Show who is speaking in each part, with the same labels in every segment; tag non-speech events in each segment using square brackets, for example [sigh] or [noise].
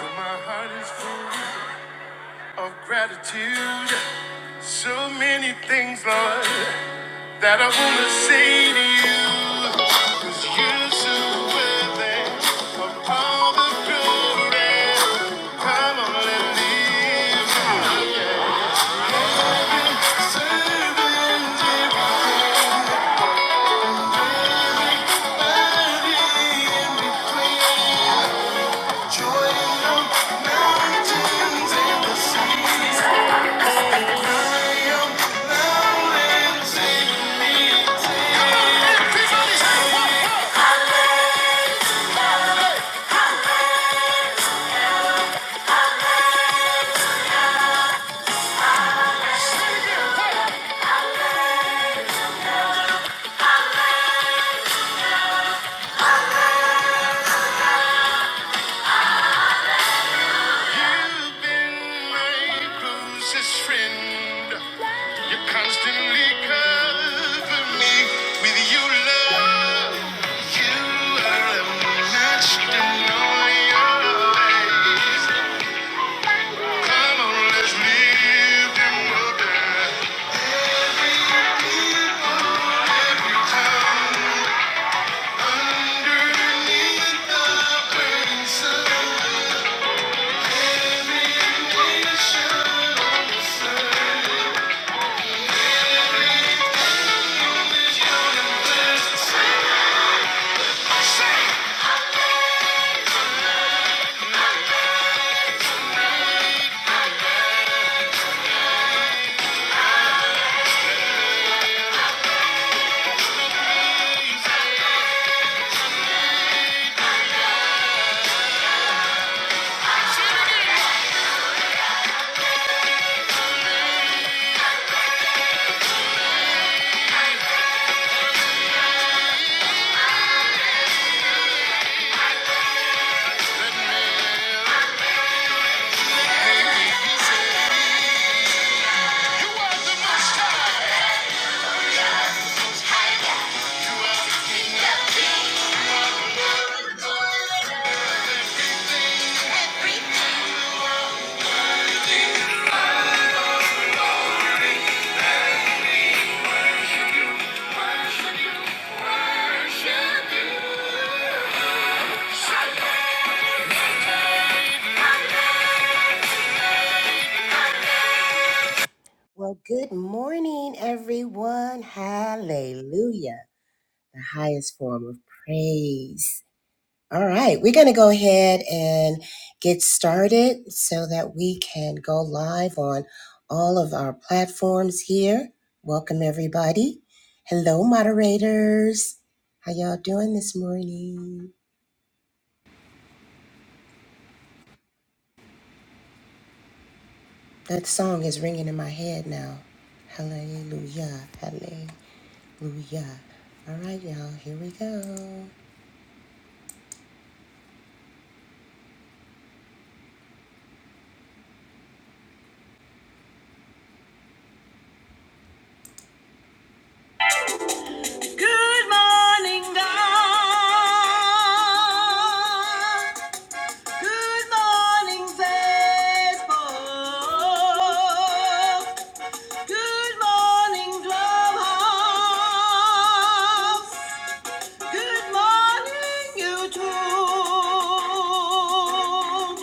Speaker 1: But my heart is full of gratitude. So many things, Lord, that I want to say to you. Cause you're so worthy of all the glory. Come on, let me serving, divided in between joy in the mountains and the seas. I am You've been my closest friend. You constantly cover me with your love. You are unmatched in all your ways. Come on, let's live and wonder. will Every time underneath the burning sun. You are the most high, high, the king. Well, good morning, everyone. Hallelujah. The highest form of praise. All right, we're going to go ahead and get started so that we can go live on all of our platforms here. Welcome, everybody. Hello, moderators. How y'all doing this morning? That song is ringing in my head now. Hallelujah. Hallelujah. All right, y'all, here we go. Good morning, Facebook. Good morning, Clubhouse. Good morning, YouTube.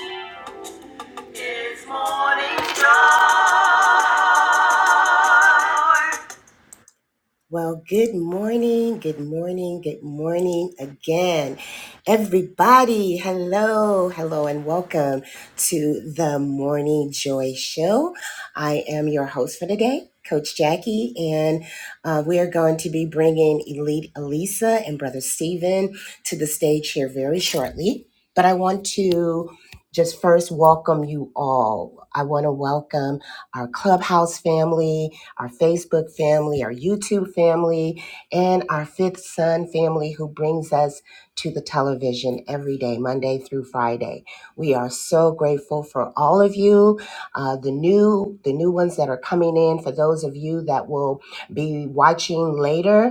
Speaker 1: Well, good morning, good morning, good morning again. Everybody, hello, hello, and welcome to the Morning Joy Show. I am your host for today, Coach Jackie, and uh, we are going to be bringing Elite Elisa and Brother Steven to the stage here very shortly. But I want to just first welcome you all. I want to welcome our clubhouse family our Facebook family, our YouTube family, and our Fifth Son family who brings us to the television every day, Monday through Friday. We are so grateful for all of you, uh, the new the new ones that are coming in. For those of you that will be watching later,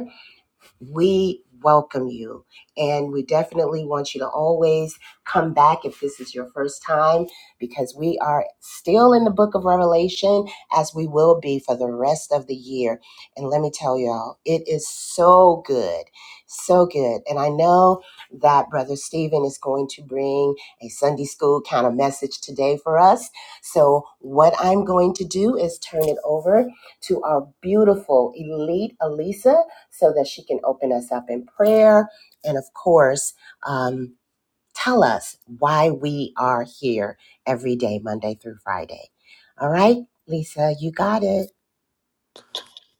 Speaker 1: we welcome you. And we definitely want you to always come back if this is your first time, because we are still in the book of Revelation, as we will be for the rest of the year. And let me tell y'all, it is so good, so good. And I know that Brother Stephen is going to bring a Sunday school kind of message today for us. So, what I'm going to do is turn it over to our beautiful elite Elisa so that she can open us up in prayer and, of course, um, tell us why we are here every day, Monday through Friday. All right, Lisa, you got it.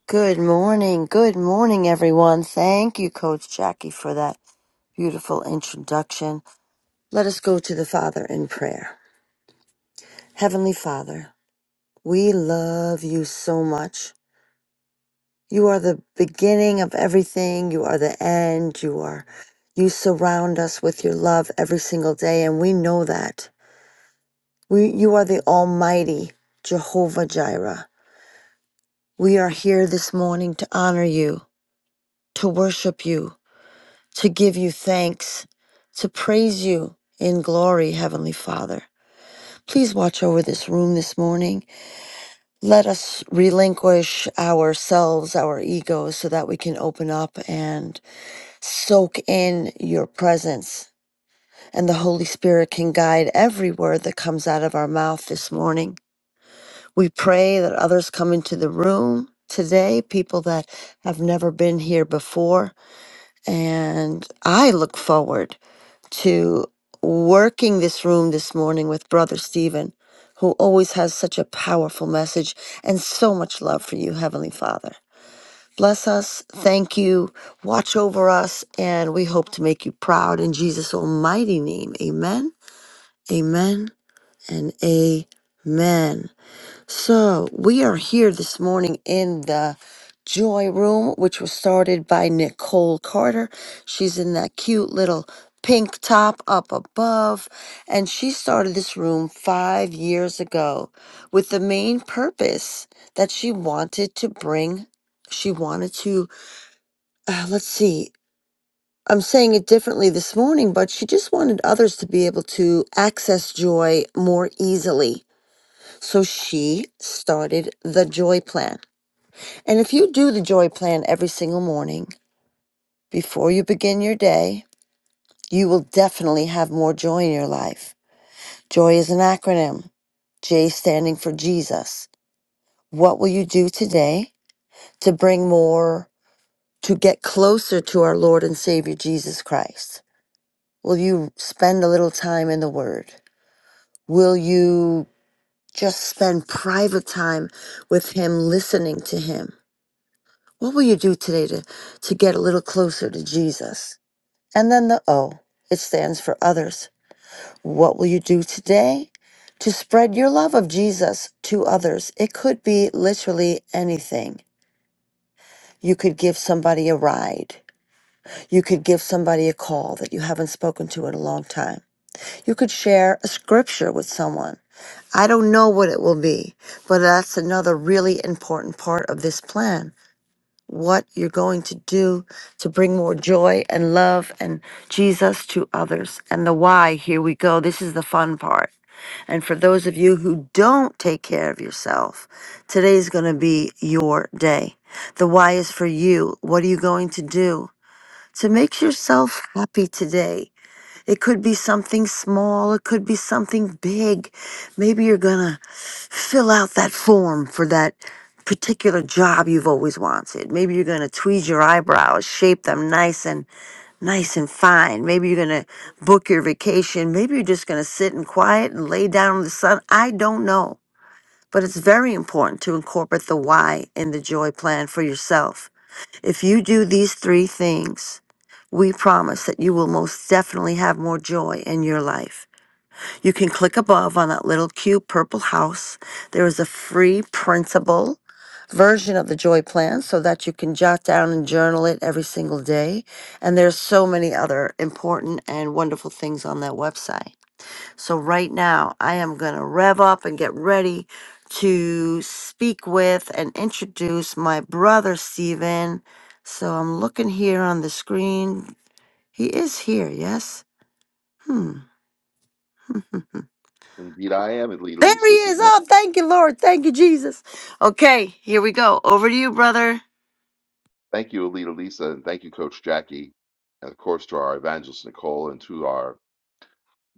Speaker 2: Good morning. Good morning, everyone. Thank you, Coach Jackie, for that beautiful introduction. Let us go to the Father in prayer. Heavenly Father, we love you so much. You are the beginning of everything. You are the end. You are, you surround us with your love every single day. And we know that we, you are the Almighty Jehovah Jireh. We are here this morning to honor you, to worship you, to give you thanks, to praise you in glory, Heavenly Father. Please watch over this room this morning. Let us relinquish ourselves, our egos, so that we can open up and soak in your presence. And the Holy Spirit can guide every word that comes out of our mouth this morning. We pray that others come into the room today, people that have never been here before. And I look forward to working this room this morning with Brother Stephen, who always has such a powerful message and so much love for you, Heavenly Father. Bless us, thank you, watch over us, and we hope to make you proud in Jesus' almighty name. Amen, amen, and amen. So, we are here this morning in the Joy Room, which was started by Nicole Carter. She's in that cute little pink top up above, and she started this room five years ago with the main purpose that she wanted to bring. She wanted to, uh, let's see, I'm saying it differently this morning, but she just wanted others to be able to access joy more easily so she started the joy plan. And if you do the joy plan every single morning before you begin your day, you will definitely have more joy in your life. Joy is an acronym, J standing for Jesus. What will you do today to bring more, to get closer to our Lord and Savior Jesus Christ? Will you spend a little time in the Word? Will you just spend private time with Him, listening to Him? What will you do today to, to get a little closer to Jesus? And then the O, it stands for others. What will you do today to spread your love of Jesus to others? It could be literally anything. You could give somebody a ride. You could give somebody a call that you haven't spoken to in a long time. You could share a scripture with someone. I don't know what it will be, but that's another really important part of this plan what you're going to do to bring more joy and love and Jesus to others. And the why, here we go. This is the fun part. And for those of you who don't take care of yourself, today's going to be your day. The why is for you. What are you going to do to make yourself happy today? It could be something small, it could be something big. Maybe you're going to fill out that form for that particular job you've always wanted. Maybe you're going to tweeze your eyebrows, shape them nice and nice and fine. Maybe you're going to book your vacation. Maybe you're just going to sit in quiet and lay down in the sun. I don't know. But it's very important to incorporate the why in the joy plan for yourself if you do these three things, we promise that you will most definitely have more joy in your life. You can click above on that little cute purple house. There is a free printable version of the joy plan so that you can jot down and journal it every single day. And there's so many other important and wonderful things on that website. So, right now, I am going to rev up and get ready to speak with and introduce my brother, Steven. So, I'm looking here on the screen. He is here, yes? Hmm. [laughs]
Speaker 3: Indeed, I am Alita
Speaker 2: There he
Speaker 3: Lisa. Good
Speaker 2: is.
Speaker 3: morning.
Speaker 2: Oh, thank you, Lord. Thank you, Jesus. Okay, here we go. Over to you, brother.
Speaker 3: Thank you, Alita Lisa, and thank you, Coach Jackie, and of course to our evangelist Nicole and to our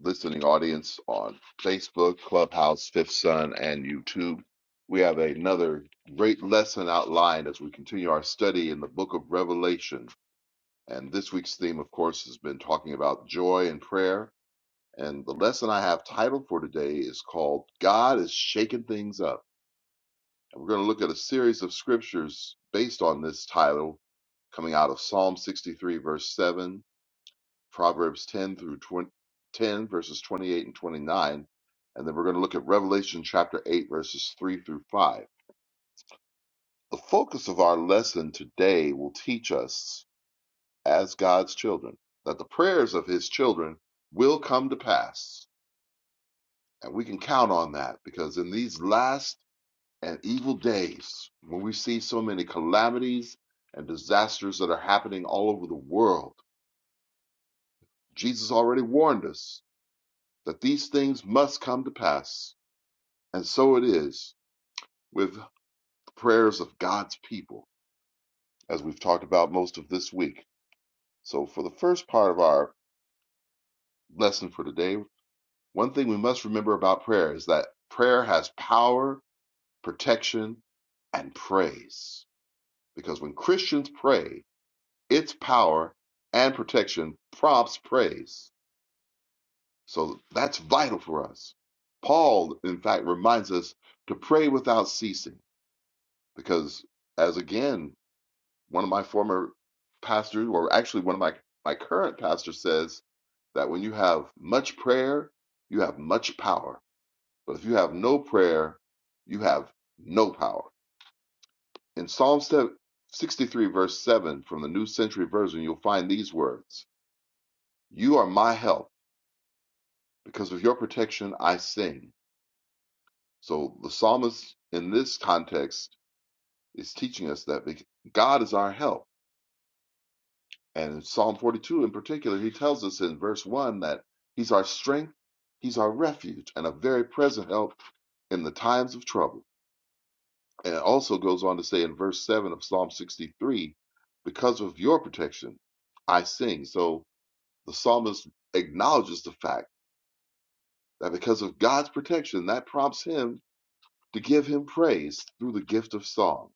Speaker 3: listening audience on Facebook, Clubhouse, Fifth Sun, and YouTube. We have another great lesson outlined as we continue our study in the book of Revelation. And this week's theme, of course, has been talking about joy and prayer. And the lesson I have titled for today is called God is Shaking Things Up. And we're going to look at a series of scriptures based on this title coming out of Psalm 63, verse 7, Proverbs 10 through 20, 10, verses 28 and 29. And then we're going to look at Revelation chapter 8, verses 3 through 5. The focus of our lesson today will teach us, as God's children, that the prayers of his children will come to pass. And we can count on that because in these last and evil days when we see so many calamities and disasters that are happening all over the world. Jesus already warned us that these things must come to pass. And so it is with the prayers of God's people, as we've talked about most of this week. So, for the first part of our lesson for today, one thing we must remember about prayer is that prayer has power, protection, and praise. Because when Christians pray, Its power and protection prompts praise. So that's vital for us. Paul, in fact, reminds us to pray without ceasing because, as again, one of my former pastors, or actually one of my, my current pastors, says that when you have much prayer, you have much power. But if you have no prayer, you have no power. In Psalm 63, verse 7 from the New Century Version, you'll find these words You are my help. Because of your protection, I sing. So the psalmist in this context is teaching us that God is our help. And in Psalm 42 in particular, he tells us in verse 1 that he's our strength, he's our refuge, and a very present help in the times of trouble. And it also goes on to say in verse 7 of Psalm 63, because of your protection, I sing. So the psalmist acknowledges the fact that because of God's protection, that prompts him to give him praise through the gift of song.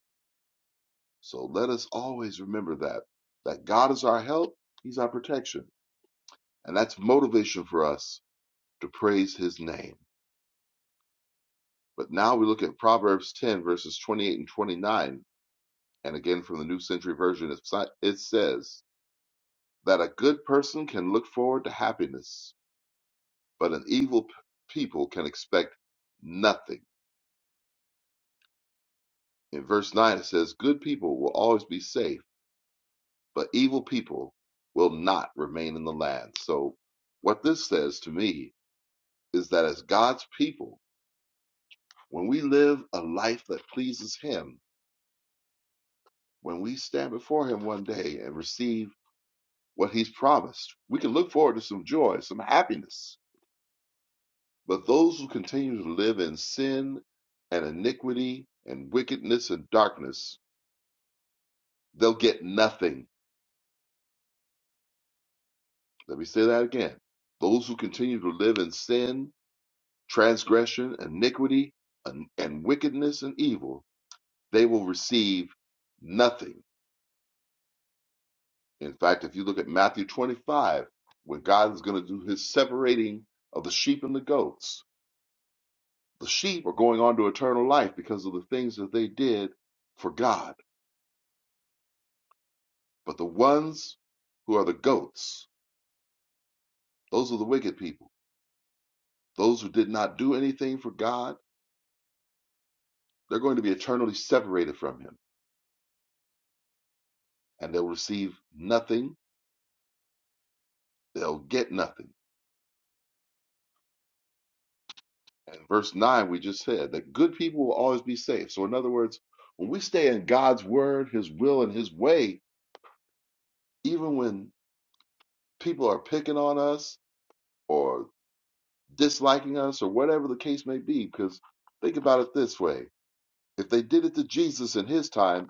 Speaker 3: So let us always remember that that God is our help, he's our protection, and that's motivation for us to praise his name. But now we look at Proverbs 10 verses 28 and 29, and again from the New Century Version it si- says that a good person can look forward to happiness, but an evil p- people can expect nothing. In verse 9 it says good people will always be safe but evil people will not remain in the land. So, what this says to me is that as God's people, when we live a life that pleases Him, when we stand before Him one day and receive what He's promised, we can look forward to some joy, some happiness. But those who continue to live in sin and iniquity and wickedness and darkness, they'll get nothing. Let me say that again. Those who continue to live in sin transgression, iniquity, and, and wickedness and evil, they will receive nothing. In fact, if you look at Matthew 25, when God is going to do his separating of the sheep and the goats, the sheep are going on to eternal life because of the things that they did for God. But the ones who are the goats, those are the wicked people, those who did not do anything for God, they're going to be eternally separated from him and they'll receive nothing, they'll get nothing. And verse 9, we just said that good people will always be safe. So, in other words, when we stay in God's word, his will, and his way, even when people are picking on us or disliking us or whatever the case may be, because think about it this way if they did it to Jesus in his time,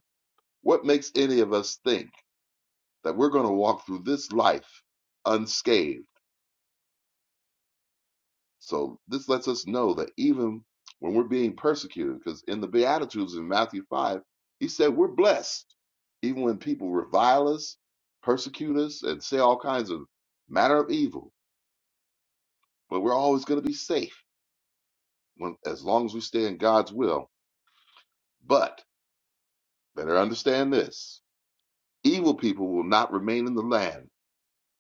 Speaker 3: what makes any of us think that we're going to walk through this life unscathed? So this lets us know that even when we're being persecuted, because in the Beatitudes in Matthew 5, he said we're blessed. Even when people revile us, persecute us, and say all kinds of matter of evil, but we're always going to be safe when, as long as we stay in God's will. But better understand this evil people will not remain in the land.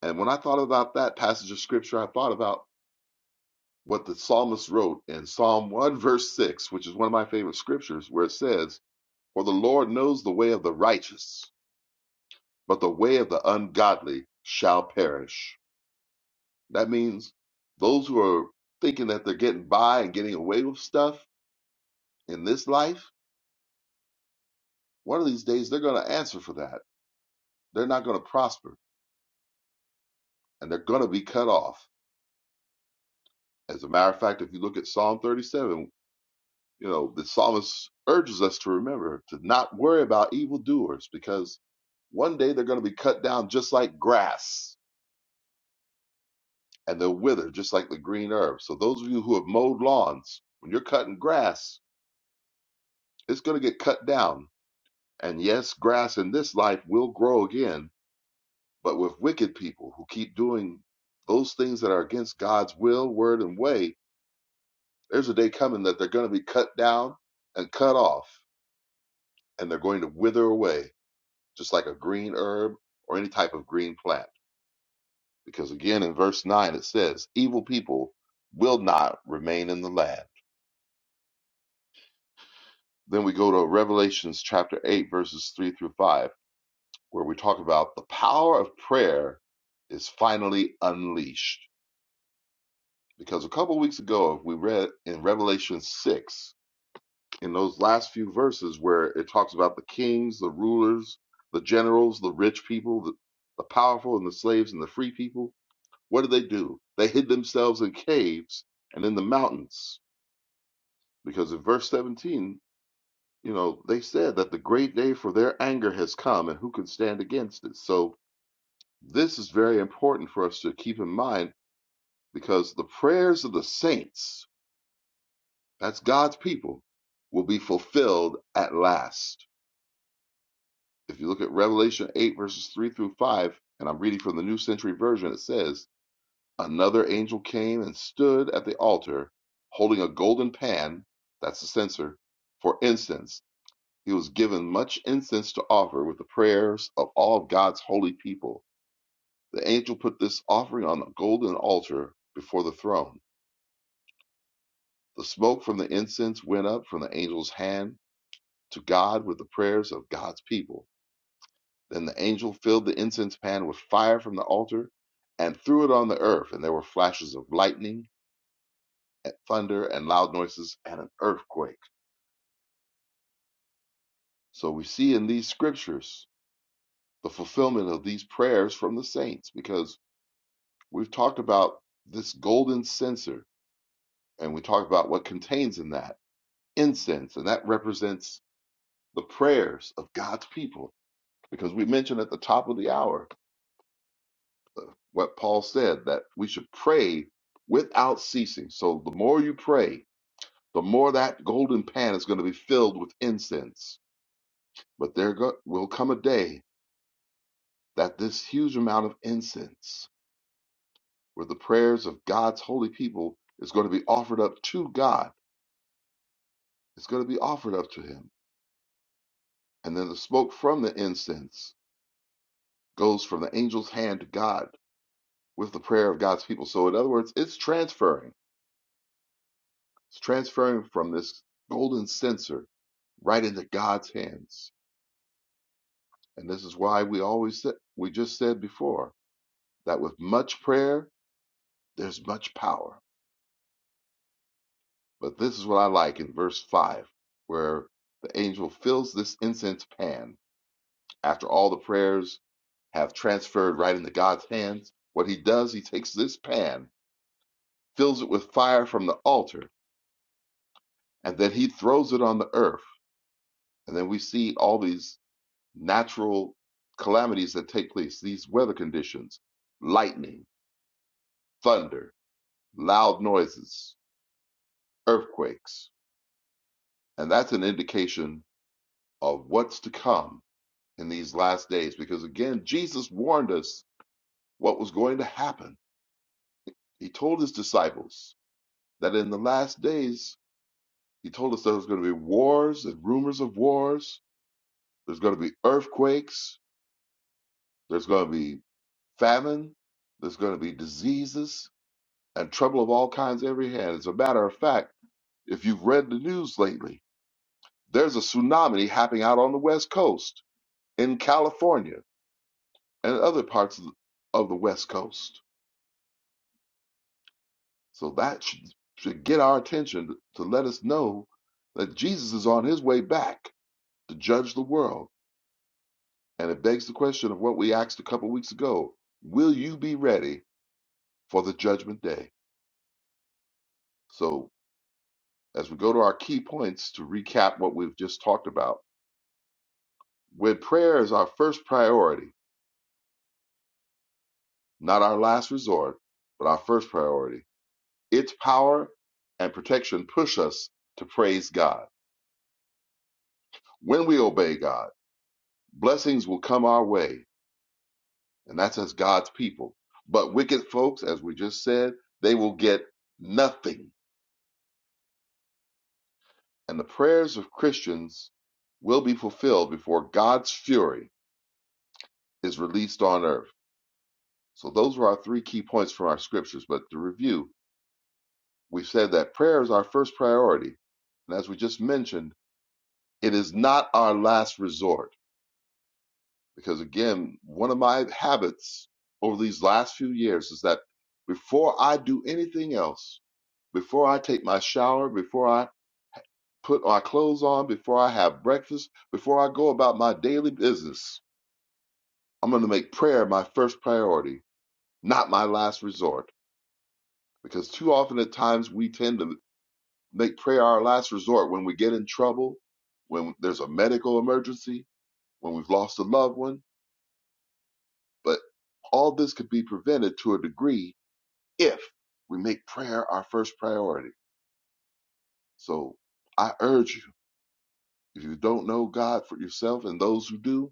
Speaker 3: And when I thought about that passage of scripture, I thought about what the psalmist wrote in Psalm 1, verse 6, which is one of my favorite scriptures, where it says, For the Lord knows the way of the righteous, but the way of the ungodly shall perish. That means those who are thinking that they're getting by and getting away with stuff in this life, one of these days they're going to answer for that. They're not going to prosper and they're going to be cut off. As a matter of fact, if you look at Psalm 37, you know, the psalmist urges us to remember to not worry about evildoers because one day they're going to be cut down just like grass and they'll wither just like the green herb. So those of you who have mowed lawns, when you're cutting grass, it's going to get cut down. And yes, grass in this life will grow again, but with wicked people who keep doing those things that are against God's will, word, and way, there's a day coming that they're going to be cut down and cut off, and they're going to wither away, just like a green herb or any type of green plant. Because again, in verse 9, it says, Evil people will not remain in the land Then we go to Revelations chapter 8, verses 3 through 5, where we talk about the power of prayer is finally unleashed. Because a couple weeks ago, we read in Revelation 6, in those last few verses where it talks about the kings, the rulers, the generals, the rich people, the, the powerful, and the slaves and the free people, what did they do? They hid themselves in caves and in the mountains. Because in verse 17, You know, they said that the great day for their anger has come, and who can stand against it? So, this is very important for us to keep in mind because the prayers of the saints, that's God's people, will be fulfilled at last. If you look at Revelation 8, verses 3 through 5, and I'm reading from the New Century Version, it says, Another angel came and stood at the altar holding a golden pan, that's the censer, for incense He was given much incense to offer with the prayers of all of God's holy people. The angel put this offering on a golden altar before the throne. The smoke from the incense went up from the angel's hand to God with the prayers of God's people. Then the angel filled the incense pan with fire from the altar and threw it on the earth, and there were flashes of lightning and thunder and loud noises and an earthquake. So we see in these scriptures the fulfillment of these prayers from the saints because We've talked about this golden censer, and we talk about what contains in that incense, and that represents the prayers of God's people. Because we mentioned at the top of the hour uh, what Paul said that we should pray without ceasing. So the more you pray, the more that golden pan is going to be filled with incense. But there go- will come a day that this huge amount of incense, where the prayers of God's holy people is going to be offered up to God, it's going to be offered up to Him And then the smoke from the incense goes from the angel's hand to God with the prayer of God's people. So, in other words, it's transferring. It's transferring from this golden censer right into God's hands. And this is why we always said, we just said before that with much prayer, there's much power. But this is what I like in verse 5, where the angel fills this incense pan after all the prayers have transferred right into God's hands. What he does, he takes this pan fills it with fire from the altar, and then he throws it on the earth. And then we see all these natural calamities that take place, these weather conditions, lightning, thunder, loud noises, earthquakes. And that's an indication of what's to come in these last days. Because again, Jesus warned us what was going to happen. He told his disciples that in the last days, he told us there was going to be wars and rumors of wars. There's going to be earthquakes There's going to be famine. There's going to be diseases and trouble of all kinds every hand. As a matter of fact, if you've read the news lately, there's a tsunami happening out on the West Coast in California and other parts of the of the West Coast. So that should, should get our attention to, to let us know that Jesus is on his way back to judge the world. And it begs the question of what we asked a couple weeks ago Will you be ready for the judgment day? So As we go to our key points to recap what we've just talked about, when prayer is our first priority, not our last resort, but our first priority, its power and protection push us to praise God. When we obey God, blessings will come our way, and that's as God's people. But wicked folks, as we just said, they will get nothing. And the prayers of Christians will be fulfilled before God's fury is released on earth. So those are our three key points from our scriptures. But to review, we've said that prayer is our first priority. And as we just mentioned, it is not our last resort. Because again, one of my habits over these last few years is that before I do anything else, before I take my shower, before I put my clothes on, before I have breakfast, before I go about my daily business, I'm going to make prayer my first priority, not my last resort. Because too often at times we tend to Make prayer our last resort when we get in trouble, when there's a medical emergency, when we've lost a loved one. But all this could be prevented to a degree if we make prayer our first priority. So I urge you, if you don't know God for yourself and those who do,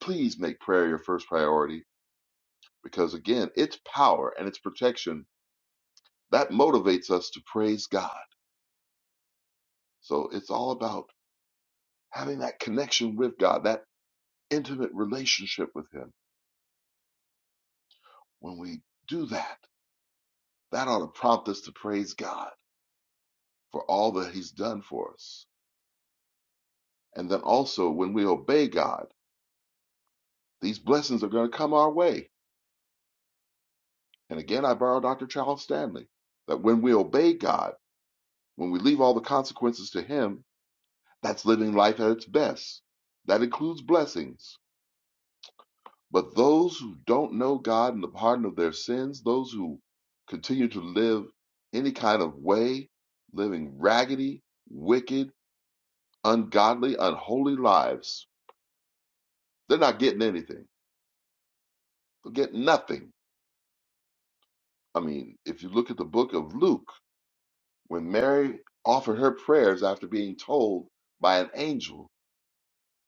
Speaker 3: please make prayer your first priority because, again, its power and its protection that motivates us to praise God. So it's all about having that connection with God, that intimate relationship with Him When we do that, that ought to prompt us to praise God for all that He's done for us. And then also, when we obey God, these blessings are going to come our way. And again, I borrow Dr. Charles Stanley that when we obey God, when we leave all the consequences to Him, that's living life at its best. That includes blessings. But those who don't know God and the pardon of their sins, those who continue to live any kind of way, living raggedy, wicked, ungodly, unholy lives. They're not getting anything. They'll get nothing. I mean, if you look at the book of Luke, when Mary offered her prayers after being told by an angel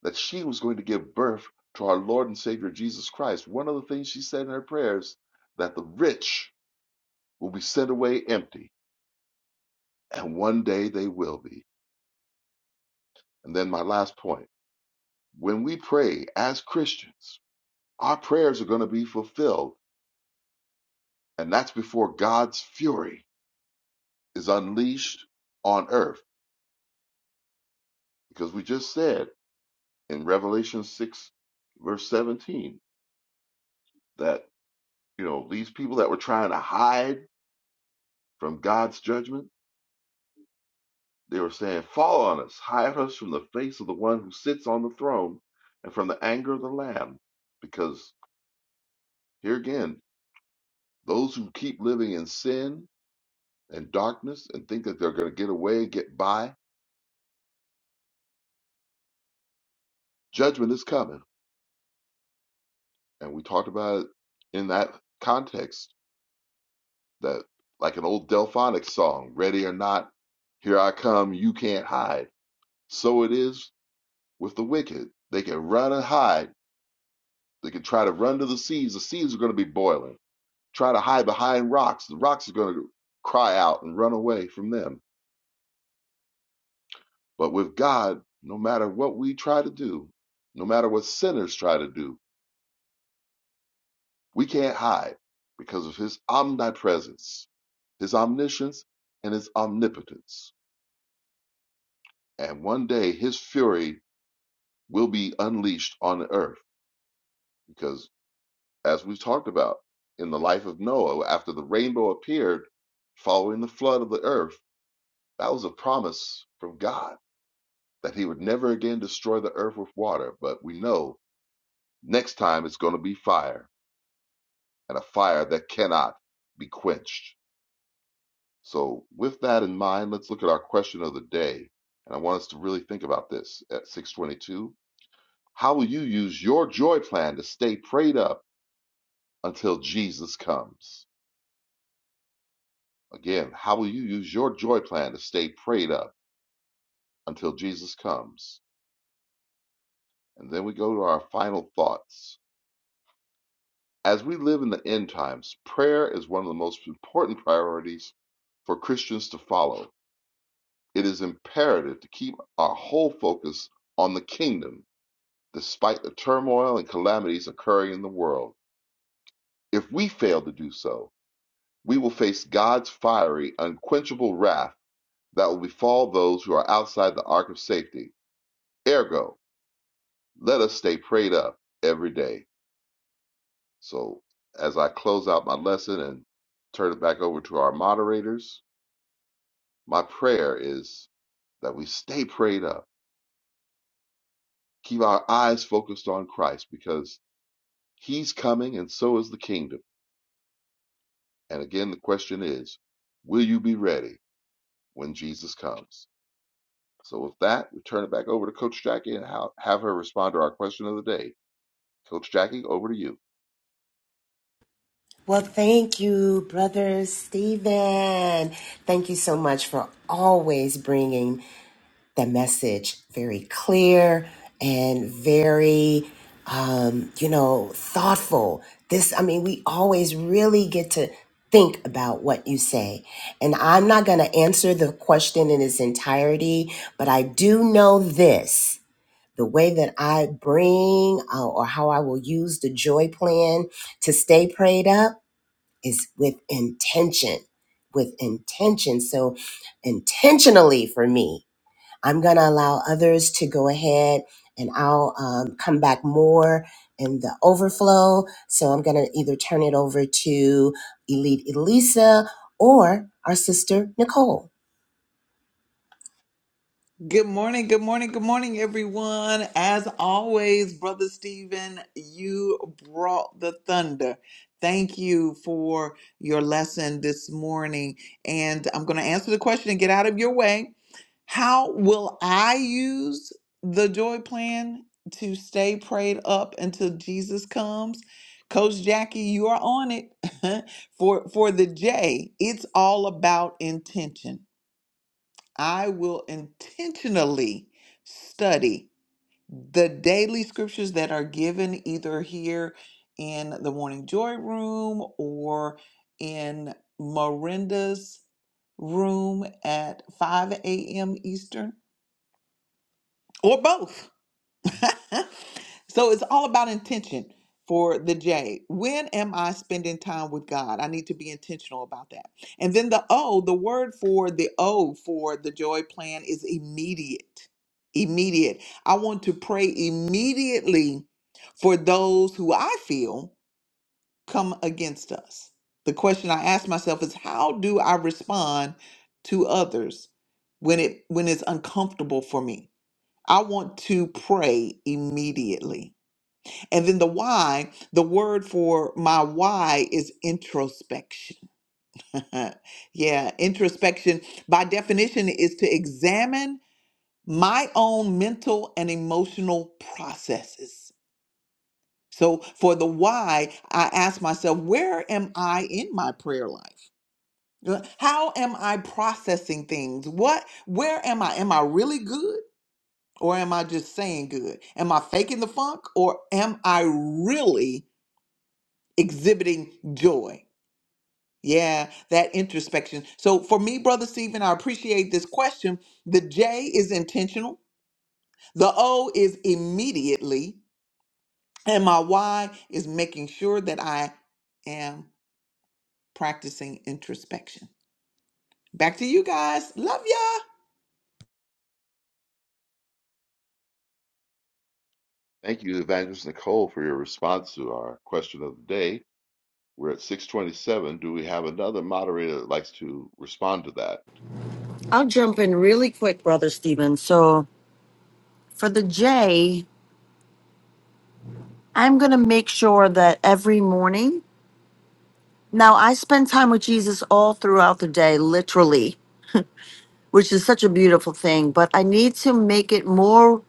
Speaker 3: that she was going to give birth to our Lord and Savior Jesus Christ, one of the things she said in her prayers that the rich will be sent away empty, and one day they will be. And then my last point when we pray as Christians, our prayers are going to be fulfilled, and that's before God's fury. is unleashed on earth. Because we just said in Revelation 6, verse 17, that, you know, these people that were trying to hide from God's judgment, they were saying, Fall on us, hide us from the face of the one who sits on the throne and from the anger of the Lamb. Because here again, those who keep living in sin and darkness and think that they're going to get away and get by, judgment is coming. And we talked about it in that context that like an old Delphonics song, ready or not, here I come, you can't hide. So it is with the wicked. They can run and hide. They can try to run to the seas. The seas are going to be boiling. Try to hide behind rocks. The rocks are going to cry out and run away from them. But with God, no matter what we try to do, no matter what sinners try to do, we can't hide because of his omnipresence, his omniscience, and his omnipotence. And one day his fury will be unleashed on earth because as we've talked about in the life of Noah after the rainbow appeared following the flood of the earth that was a promise from God that he would never again destroy the earth with water but we know next time it's going to be fire and a fire that cannot be quenched so with that in mind let's look at our question of the day and I want us to really think about this at 622 how will you use your joy plan to stay prayed up until Jesus comes. Again, how will you use your joy plan to stay prayed up until Jesus comes? And then we go to our final thoughts. As we live in the end times, prayer is one of the most important priorities for Christians to follow. It is imperative to keep our whole focus on the kingdom despite the turmoil and calamities occurring in the world. If we fail to do so, we will face God's fiery, unquenchable wrath that will befall those who are outside the ark of safety. Ergo, let us stay prayed up every day. So, as I close out my lesson and turn it back over to our moderators, my prayer is that we stay prayed up, keep our eyes focused on Christ because he's coming and so is the kingdom. And again, the question is will you be ready when Jesus comes? So, with that, we turn it back over to Coach Jackie and how, have her respond to our question of the day. Coach Jackie, over to you.
Speaker 1: Well, thank you, Brother Stephen. Thank you so much for always bringing the message very clear and very um, you know thoughtful this i mean we always really get to think about what you say and i'm not going to answer the question in its entirety but i do know this the way that i bring uh, or how i will use the joy plan to stay prayed up is with intention with intention so intentionally for me I'm going to allow others to go ahead and I'll um, come back more in the overflow. So I'm going to either turn it over to Elite Elisa or our sister Nicole.
Speaker 4: Good morning, good morning, good morning, everyone. As always, Brother Stephen, you brought the thunder. Thank you for your lesson this morning. And I'm going to answer the question and get out of your way. How will I use the joy plan to stay prayed up until Jesus comes? Coach Jackie, you are on it. [laughs] for for the J, it's all about intention I will intentionally study the daily scriptures that are given either here in the Morning Joy Room or in Miranda's room at 5 a.m. Eastern or both. [laughs] so it's all about intention for the J. When am I spending time with God? I need to be intentional about that. And then the O, the word for the O for the joy plan is immediate. Immediate. I want to pray immediately for those who I feel come against us. The question I ask myself is how do I respond to others when it when it's uncomfortable for me? I want to pray immediately. And then the why, the word for my why is introspection. [laughs] yeah, introspection by definition is to examine my own mental and emotional processes. So for the why, I ask myself, where am I in my prayer life? Uh, How am I processing things? What where am I? Am I really good? or am I just saying good? Am I faking the funk or am I really exhibiting joy? Yeah, that introspection. So for me, Brother Stephen, I appreciate this question. The J is intentional, the O is immediately, and my Y is making sure that I am practicing introspection. Back to you guys. Love ya.
Speaker 3: Thank you, Evangelist Nicole, for your response to our question of the day. We're at 627. Do we have another moderator that likes to respond to that?
Speaker 2: I'll jump in really quick, brother Steven. So, for the J, I'm going to make sure that every morning, now I spend time with Jesus all throughout the day, literally. which is such a beautiful thing, but I need to make it more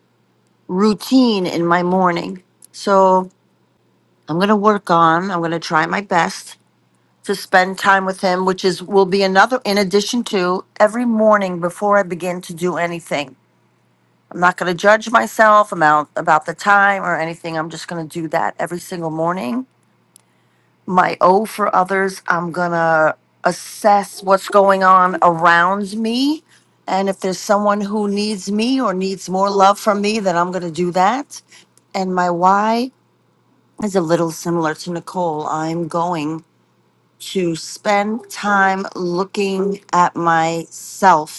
Speaker 2: routine in my morning. So I'm going to work on, I'm going to try my best to spend time with him, which is will be another in addition to every morning before I begin to do anything. I'm not going to judge myself about about the time or anything. I'm just going to do that every single morning my O for others. I'm gonna assess what's going on around me. And if there's someone who needs me or needs more love from me, then I'm gonna do that. And my Y is a little similar to Nicole. I'm going to spend time looking at myself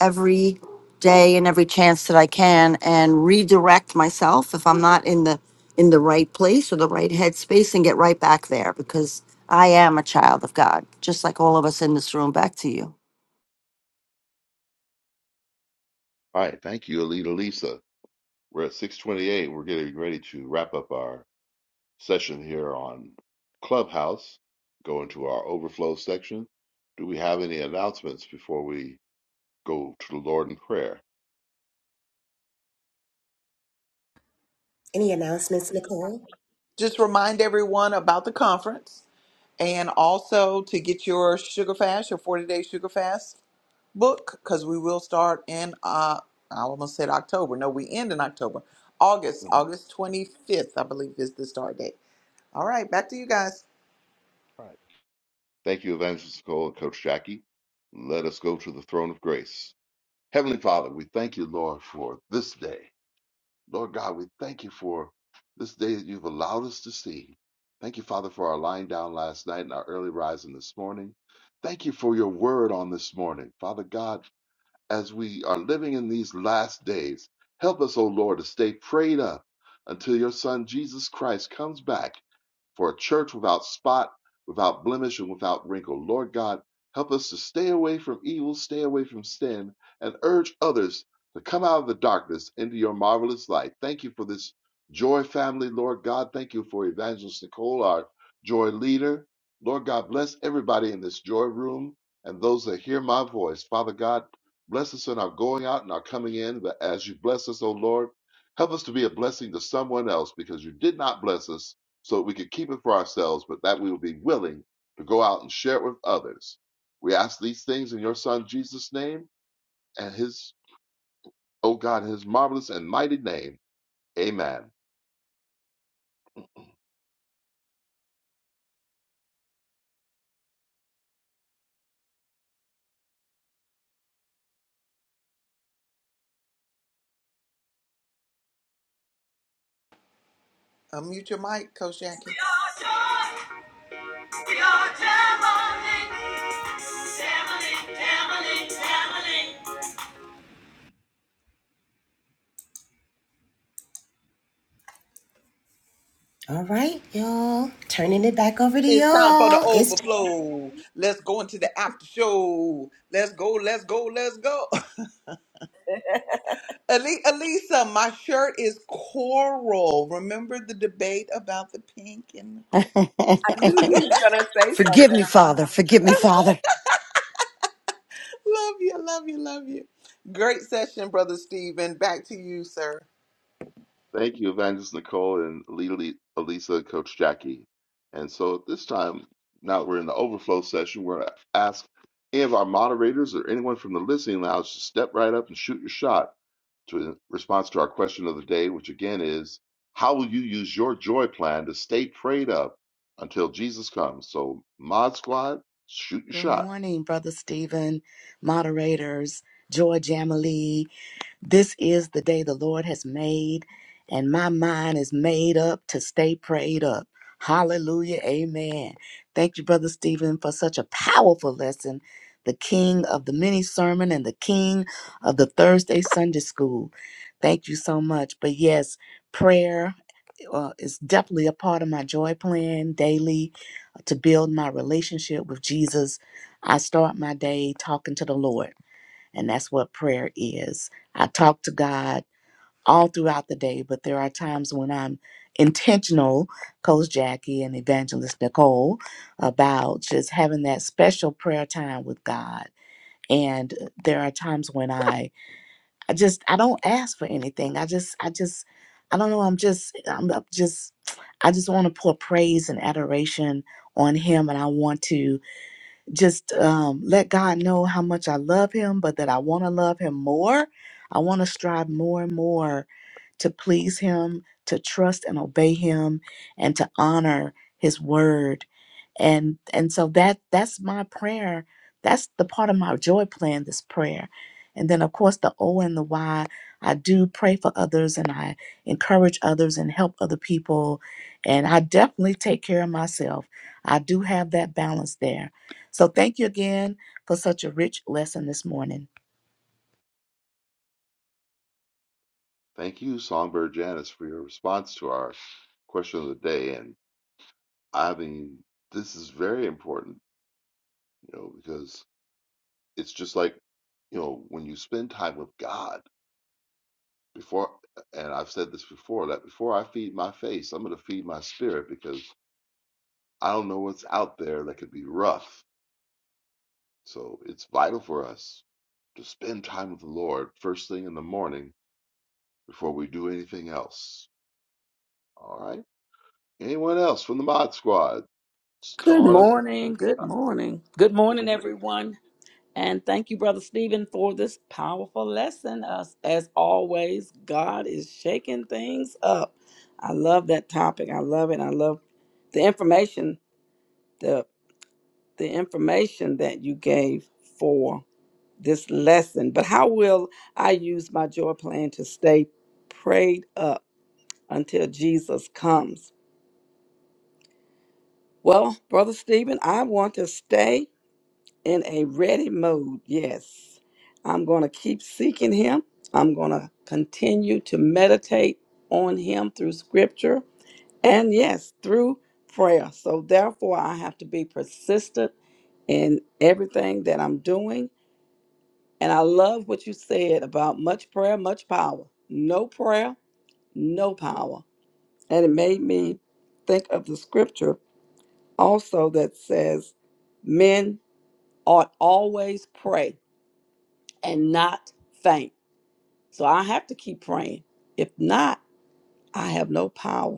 Speaker 2: every day and every chance that I can and redirect myself if I'm not in the in the right place or the right headspace and get right back there because I am a child of God, just like all of us in this room. Back to you.
Speaker 3: All right. Thank you, Alita Lisa. We're at 628. We're getting ready to wrap up our session here on Clubhouse, go into our overflow section. Do we have any announcements before we go to the Lord in prayer?
Speaker 1: Any announcements, Nicole?
Speaker 4: Just remind everyone about the conference and also to get your sugar fast, your 40 day sugar fast book because we will start in uh I almost said October. No, we end in October. August,
Speaker 3: Mhm.
Speaker 4: August twenty fifth, I believe, is the start date. All right, back to you guys.
Speaker 3: All right. Thank you, Evangelist Nicole and Coach Jackie. Let us go to the throne of grace. Heavenly Father, we thank you, Lord, for this day. Lord God, we thank you for this day that you've allowed us to see. Thank you, Father, for our lying down last night and our early rising this morning. Thank you for your word on this morning. Father God, as we are living in these last days, help us, O Lord, to stay prayed up until your Son Jesus Christ comes back for a church without spot, without blemish, and without wrinkle. Lord God, help us to stay away from evil, stay away from sin, and urge others to come out of the darkness into your marvelous light. Thank you for this joy family, Lord God. Thank you for Evangelist Nicole, our joy leader. Lord God, bless everybody in this joy room and those that hear my voice. Father God, bless us in our going out and our coming in. But as you bless us, O Lord, help us to be a blessing to someone else because you did not bless us so that we could keep it for ourselves, but that we will be willing to go out and share it with others. We ask these things in your Son Jesus' name and his, oh God, his marvelous and mighty name. Amen.
Speaker 4: Unmute your mic, Coach
Speaker 1: We
Speaker 4: Jackie.
Speaker 1: are joy. We are Jamily. Jamily. Jamily. Jamily. All right, y'all. Turning it back over to
Speaker 4: It's time for the
Speaker 1: y'all. It's
Speaker 4: overflow. Let's go into the after show. Let's go, let's go, let's go. [laughs] Ali- Alisa, my shirt is coral. Remember the debate about the pink and the
Speaker 2: [laughs]
Speaker 4: coral? [laughs]
Speaker 2: forgive me, Father. Forgive me, Father.
Speaker 4: Love you, love you, love you. Great session, Brother Stephen. Back to you, sir.
Speaker 3: Thank you, Evangelist Nicole and Lily, Elisa, Coach Jackie. And so at this time, now that we're in the overflow session, we're going to ask any of our moderators or anyone from the listening lounge to step right up and shoot your shot to in response to our question of the day, which again is, how will you use your joy plan to stay prayed up until Jesus comes? So, Mod Squad, shoot your
Speaker 5: Good
Speaker 3: shot.
Speaker 5: morning, Brother Stephen, moderators, Joy Jamalee, this is the day the Lord has made, and my mind is made up to stay prayed up. Hallelujah. Amen. Thank you, Brother Stephen, for such a powerful lesson. The king of the mini sermon and the king of the Thursday Sunday school. Thank you so much. But yes, prayer uh, is definitely a part of my joy plan daily uh, to build my relationship with Jesus. I start my day talking to the Lord. And that's what prayer is. I talk to God all throughout the day, but there are times when I'm intentional, Coach Jackie and Evangelist Nicole, about just having that special prayer time with God. And there are times when I, I just, I don't ask for anything. I just, I just, I don't know. I'm just, I'm up just, I just want to pour praise and adoration on Him, and I want to just um, let God know how much I love Him, but that I want to love Him more. I want to strive more and more to please Him, to trust and obey Him, and to honor His word. And and so that that's my prayer. That's the part of my joy plan. This prayer, and then of course the O and the Y. I do pray for others, and I encourage others and help other people, and I definitely take care of myself. I do have that balance there. So thank you again for such a rich lesson this morning.
Speaker 3: Thank you, Songbird Janice, for your response to our question of the day. And I mean, this is very important, you know, because it's just like, you know, when you spend time with God before, and I've said this before, that before I feed my face, I'm going to feed my spirit because I don't know what's out there that could be rough So it's vital for us to spend time with the Lord first thing in the morning before we do anything else. All right? Anyone else from the Mod Squad? Just
Speaker 6: Good
Speaker 3: call on us.
Speaker 6: morning.
Speaker 3: Shoot your
Speaker 6: Good
Speaker 3: shot.
Speaker 6: morning. Good
Speaker 3: Good
Speaker 6: morning,
Speaker 3: morning.
Speaker 6: everyone. And thank you, Brother Stephen, for this powerful lesson. Us, as always, God is shaking things up. I love that topic. I love it. I love the information, the the information that you gave for this lesson. But how will I use my joy plan to stay prayed up until Jesus comes? Well, Brother Stephen, I want to stay in a ready mode. Yes, I'm going to keep seeking Him. I'm going to continue to meditate on Him through scripture and, yes, through prayer. So, therefore, I have to be persistent in everything that I'm doing. And I love what you said about much prayer, much power. No prayer, no power. And it made me think of the scripture also that says, Men ought always pray and not faint. So I have to keep praying. If not, I have no power,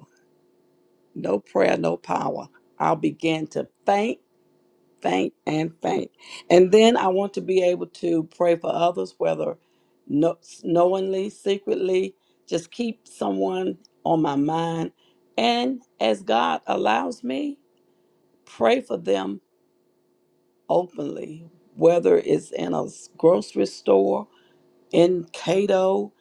Speaker 6: no prayer, no power. I'll begin to faint, faint, and faint. And then I want to be able to pray for others, whether no, knowingly, secretly, just keep someone on my mind. And as God allows me, pray for them openly, whether it's in a grocery store in Cato,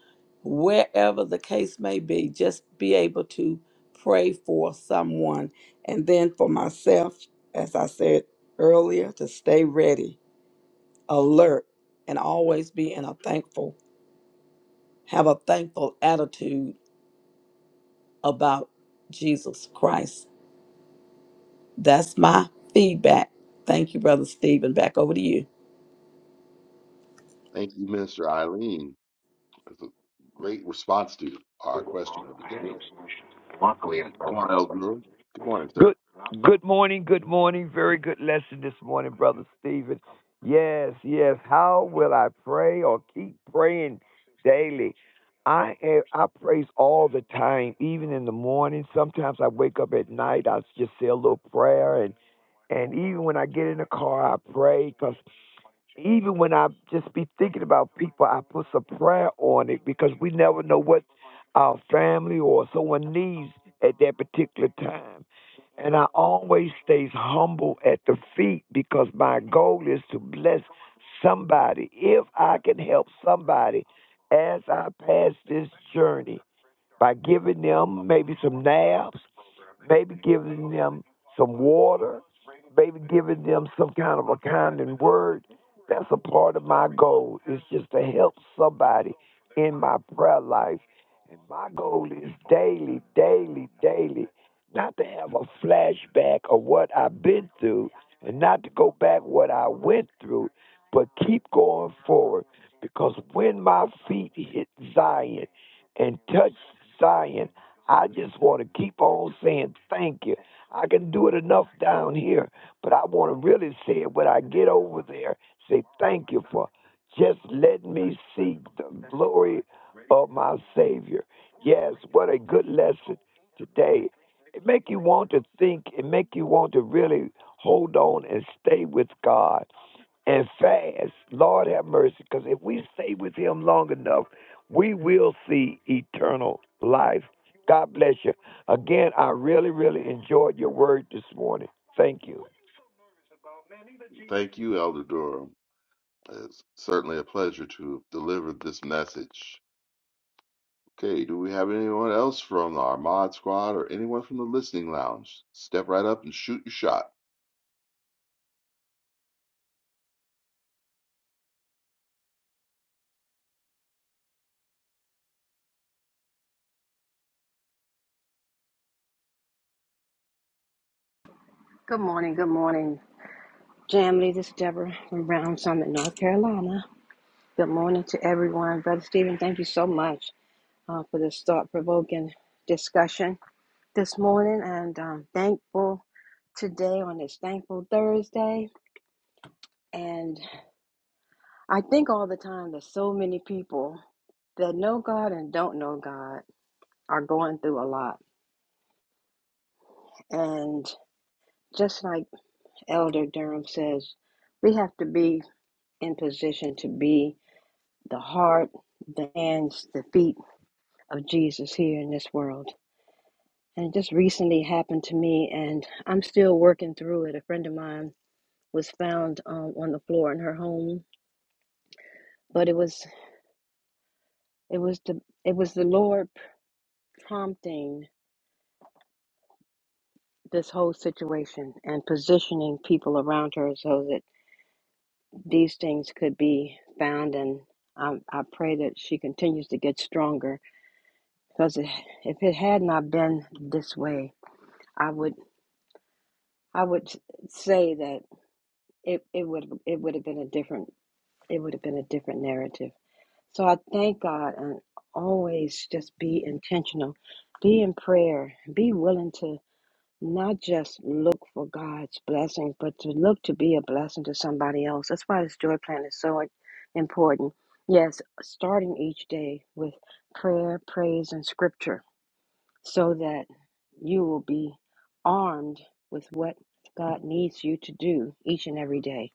Speaker 6: wherever the case may be, just be able to pray for someone. And then for myself, as I said earlier, to stay ready, alert, and always be in a thankful, have a thankful attitude about Jesus Christ. That's my feedback. Thank you, Brother Stephen. Back over to you.
Speaker 3: Thank you, Minister Eileen. That's a great response to our question of the day. Come on, Elder Durham. Good morning,
Speaker 7: Good
Speaker 3: sir.
Speaker 7: good morning, good morning. Very good lesson this morning, brother Stephen. Yes, yes. How will I pray or keep praying daily? I am, I praise all the time, even in the morning. Sometimes I wake up at night, I just say a little prayer and and even when I get in the car, I pray because even when I just be thinking about people, I put some prayer on it because we never know what our family or someone needs at that particular time. And I always stays humble at the feet because my goal is to bless somebody. If I can help somebody as I pass this journey by giving them maybe some nabs maybe giving them some water, maybe giving them some kind of a kind and word. That's a part of my goal. Is just to help somebody in my prayer life. And my goal is daily, daily, daily, not to have a flashback of what I've been through and not to go back what I went through, but keep going forward. Because when my feet hit Zion and touch Zion, I just want to keep on saying thank you. I can do it enough down here, but I want to really say it when I get over there. Say thank you for just letting me see the glory of my Savior. Yes, what a good lesson today. It make you want to think. It make you want to really hold on and stay with God and fast. Lord have mercy, because if we stay with Him long enough, we will see eternal life. God bless you. Again, I really, really enjoyed your word this morning. Thank you.
Speaker 3: Thank you, Elder Durham. It's certainly a pleasure to deliver this message. Okay, do we have anyone else from our mod squad or anyone from the listening lounge? Step right up and shoot your shot.
Speaker 8: Good morning, good morning, Jamily. This is Deborah from Brown Summit, North Carolina. Good morning to everyone. Brother Stephen, thank you so much uh, for this thought provoking discussion this morning. And um, thankful today on this thankful Thursday. And I think all the time that so many people that know God and don't know God are going through a lot. And just like Elder Durham says, we have to be in position to be. the heart, the hands, the feet of Jesus here in this world. And it just recently happened to me, and I'm still working through it. A friend of mine was found um, on the floor in her home, but it was it was the it was the Lord prompting this whole situation and positioning people around her so that these things could be found. And um, I pray that she continues to get stronger because it, if it had not been this way, I would. I would s- say that it, it would it would have been a different it would have been a different narrative. So I thank God and always just be intentional, be in prayer, be willing to not just look for God's blessings, but to look to be a blessing to somebody else. That's why this joy plan is so important. Yes, starting each day with prayer, praise, and scripture so that you will be armed with what God needs you to do each and every day.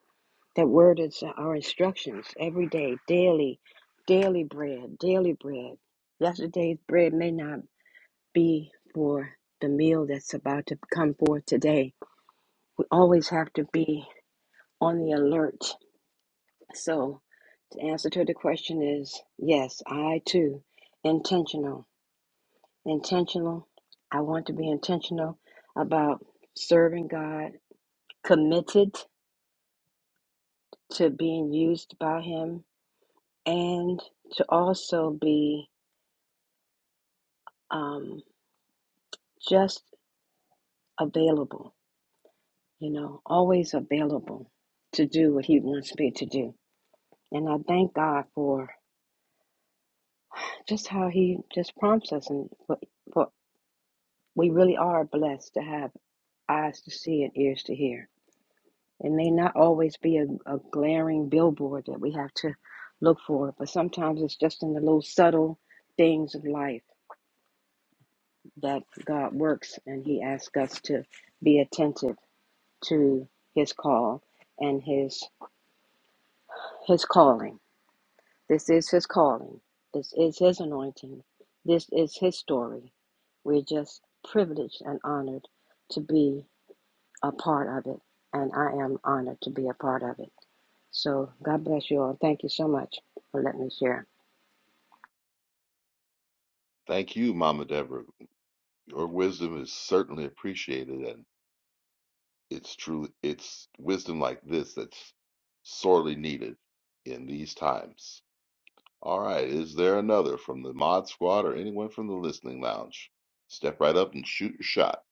Speaker 8: That word is our instructions every day, daily, daily bread, daily bread. Yesterday's bread may not be for the meal that's about to come forth today. We always have to be on the alert. So, the answer to the question is yes, I too, intentional intentional. I want to be intentional about serving God, committed to being used by Him, and to also be um, just available, you know, always available to do what He wants me to do. And I thank God for just how He just prompts us, and for, for we really are blessed to have eyes to see and ears to hear. It may not always be a, a glaring billboard that we have to look for, but sometimes it's just in the little subtle things of life that God works and He asks us to be attentive to His call and His His calling. This is His calling. This is His anointing. This is His story. We're just privileged and honored to be a part of it, and I am honored to be a part of it. So God bless you all. Thank you so much for letting me share.
Speaker 3: Thank you, Mama Deborah. Your wisdom is certainly appreciated, and it's truly it's wisdom like this that's sorely needed in these times. All right, is there another from the mod squad or anyone from the listening lounge? Step right up and shoot your shot.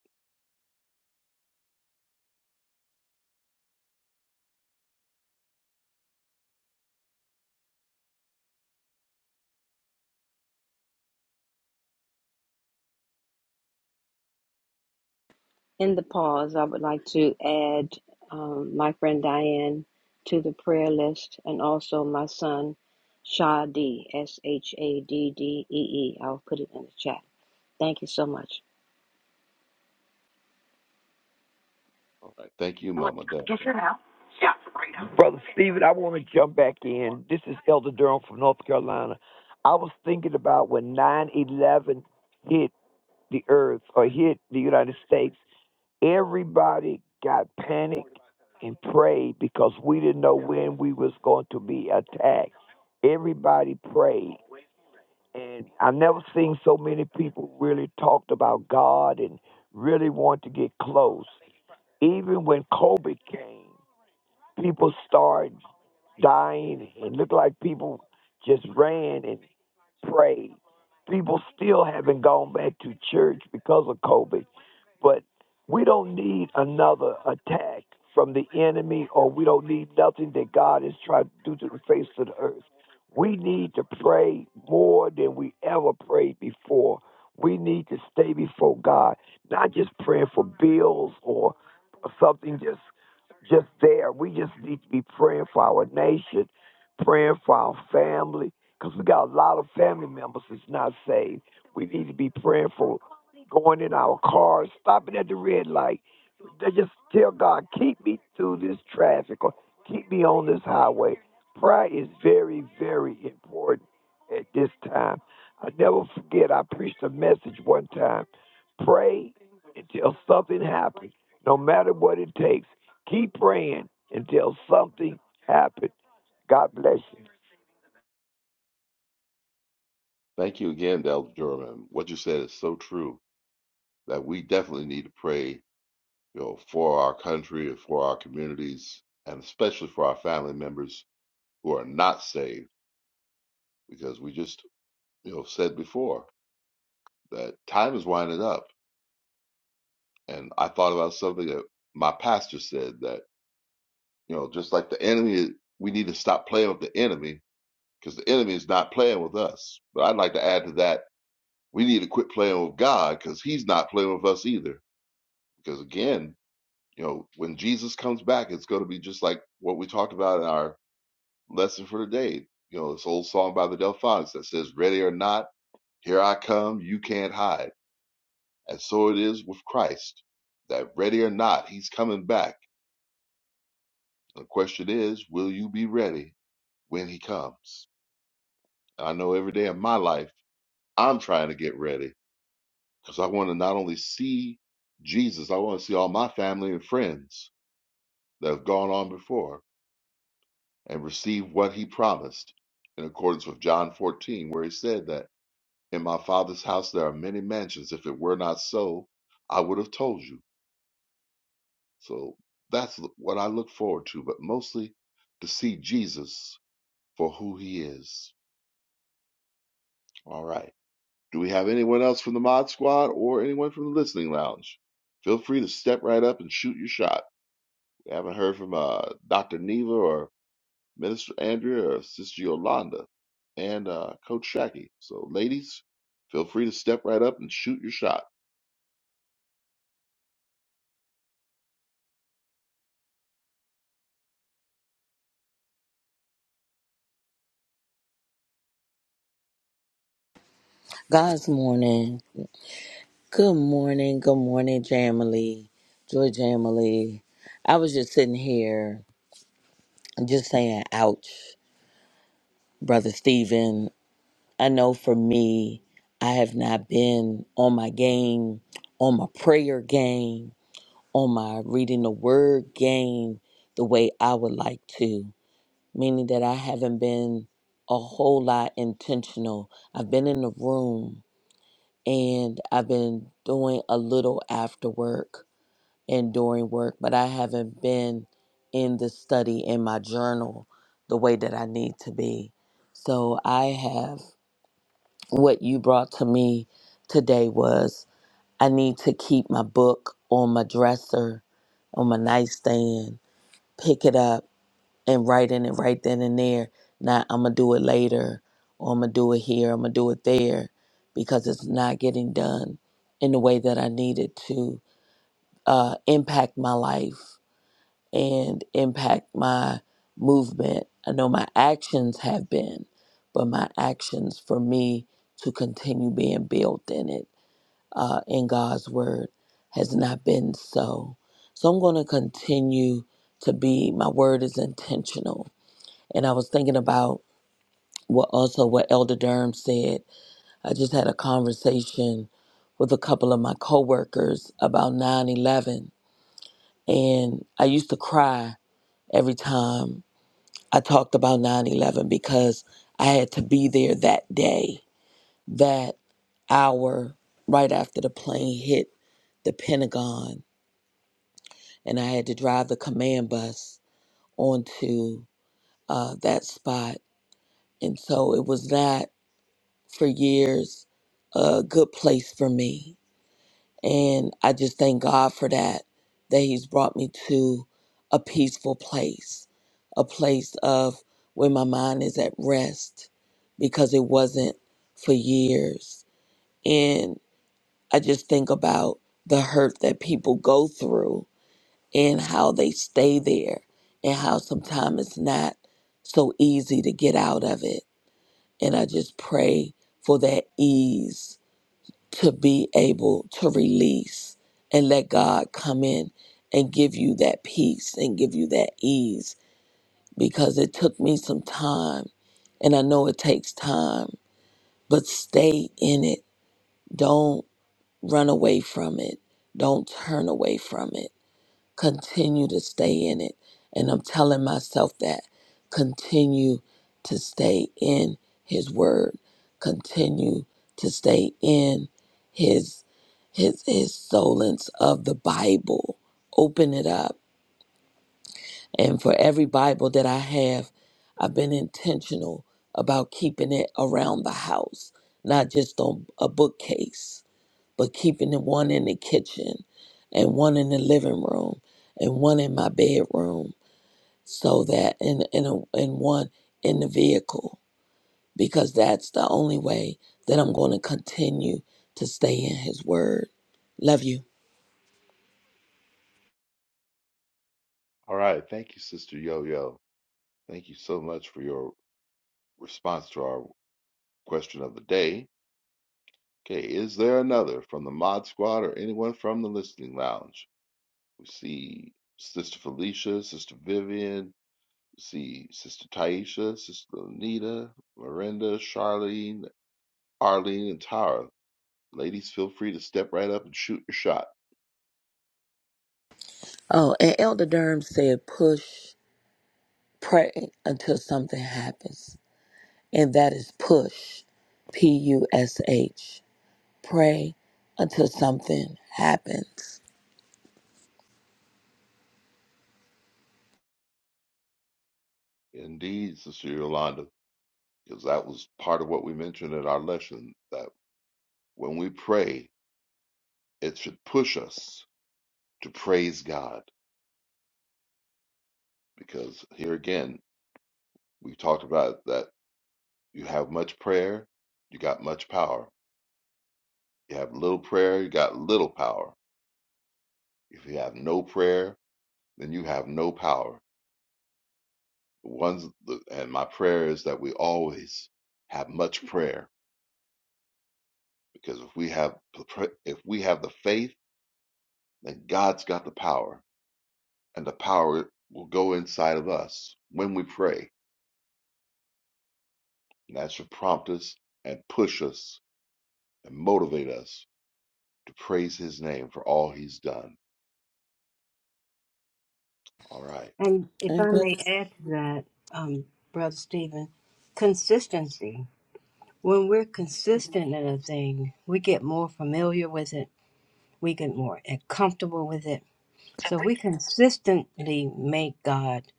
Speaker 8: In the pause, I would like to add um, my friend Diane to the prayer list and also my son Shadi, S H A D D E E. I'll put it in the chat. Thank you so much.
Speaker 3: All right, thank you, Mama Deborah.
Speaker 7: Yes, sir. yeah. great. Brother Stephen, I want to jump back in. This is Elder Durham from North Carolina. I was thinking about when 9 11 hit the earth or hit the United States, everybody got panicked and prayed because we didn't know when we was going to be attacked. Everybody prayed. And I've never seen so many people really talked about God and really want to get close. Even when COVID came, people started dying and looked like people just ran and prayed. People still haven't gone back to church because of COVID, but we don't need another attack from the enemy, or we don't need nothing that God is trying to do to the face of the earth. We need to pray more than we ever prayed before. We need to stay before God, not just praying for bills or something just just there. We just need to be praying for our nation, praying for our family, because we got a lot of family members that's not saved. We need to be praying for going in our cars, stopping at the red light. They just tell God, keep me through this traffic or keep me on this highway. Prayer is very, very important at this time. I never forget, I preached a message one time. Pray until something happens, no matter what it takes. Keep praying until something happens. God bless you.
Speaker 3: Thank you again, Del Jordan. What you said is so true that we definitely need to pray you know, for our country and for our communities, and especially for our family members who are not saved, because we just, you know, said before that time is winding up. And I thought about something that my pastor said that, you know, just like the enemy, we need to stop playing with the enemy because the enemy is not playing with us. But I'd like to add to that, we need to quit playing with God because he's not playing with us either. Because again, you know, when Jesus comes back, it's going to be just like what we talked about in our lesson for the day, You know, this old song by the Delphonics that says, Ready or not, here I come, you can't hide. And so it is with Christ, that ready or not, he's coming back. The question is, will you be ready when he comes? And I know every day of my life, I'm trying to get ready because I want to not only see Jesus, I want to see all my family and friends that have gone on before and receive what he promised in accordance with John 14, where he said that. In my father's house there are many mansions. If it were not so, I would have told you. So that's what I look forward to, but mostly to see Jesus for who he is. All right. Do we have anyone else from the Mod Squad or anyone from the Listening Lounge? Feel free to step right up and shoot your shot. We haven't heard from uh, Dr. Neva or Minister Andrea or Sister Yolanda and uh, Coach Shacky. So, ladies, feel free to step right up and shoot your shot.
Speaker 9: God's morning. Good morning. Good morning, Jamily. Joy Jamily. I was just sitting here just saying, ouch, Brother Stephen. I know for me, I have not been on my game, on my prayer game, on my reading the word game the way I would like to, meaning that I haven't been a whole lot intentional. I've been in the room and I've been doing a little after work and during work, but I haven't been in the study in my journal the way that I need to be. So I have what you brought to me today was I need to keep my book on my dresser, on my nightstand, pick it up and writing it right then and there. Not I'm gonna do it later, or I'm gonna do it here, I'm gonna do it there, because it's not getting done in the way that I needed to uh, impact my life and impact my movement. I know my actions have been, but my actions for me to continue being built in it uh, in God's word has not been so. So I'm gonna continue to be. My word is intentional and I was thinking about what also what Elder Durham said. I just had a conversation with a couple of my coworkers about 9/11, and I used to cry every time I talked about 9/11 because I had to be there that day, that hour right after the plane hit the Pentagon, and I had to drive the command bus onto uh, that spot. And so it was not. for years, a good place for me. And I just thank God for that, that He's brought me to a peaceful place, a place of where my mind is at rest because it wasn't for years. And I just think about the hurt that people go through and how they stay there and how sometimes it's not so easy to get out of it. And I just pray for that ease to be able to release and let God come in and give you that peace and give you that ease because it took me some time and I know it takes time, but stay in it. Don't run away from it. Don't turn away from it continue to stay in it. And I'm telling myself that continue to stay in his word, continue to stay in his his his solence of the Bible. Open it up. And for every Bible that I have, I've been intentional about keeping it around the house, not just on a bookcase but keeping the one in the kitchen and one in the living room and one in my bedroom so that in in a, and one in the vehicle because that's the only way that I'm going to continue to stay in his word. Love you.
Speaker 3: All right. Thank you, Sister Yo Yo. Thank you so much for your response to our question of the day. Okay, is there another from the Mod Squad or anyone from the Listening Lounge? We see Sister Felicia, Sister Vivian, we see Sister Taisha, Sister Anita, Miranda, Charlene, Arlene, and Tara. Ladies, feel free to step right up and shoot your shot.
Speaker 9: Oh, and Elder Durham said push, pray until something happens. And that is push. P U S H. Pray until something happens.
Speaker 3: Indeed, Sister Yolanda, because that was part of what we mentioned in our lesson that when we pray, it should push us to praise God because here again we talked about that you have much prayer you got much power you have little prayer you got little power if you have no prayer then you have no power the ones the, and my prayer is that we always have much prayer because if we have if we have the faith then god's got the power and the power will go inside of us when we pray and that should prompt us and push us and motivate us to praise his name for all he's done All right.
Speaker 8: And if
Speaker 9: And
Speaker 8: I may
Speaker 9: Brother
Speaker 8: add to that, um, Brother Stephen, consistency. When we're consistent in a thing, we get more familiar with it, we get more comfortable with it So we consistently make God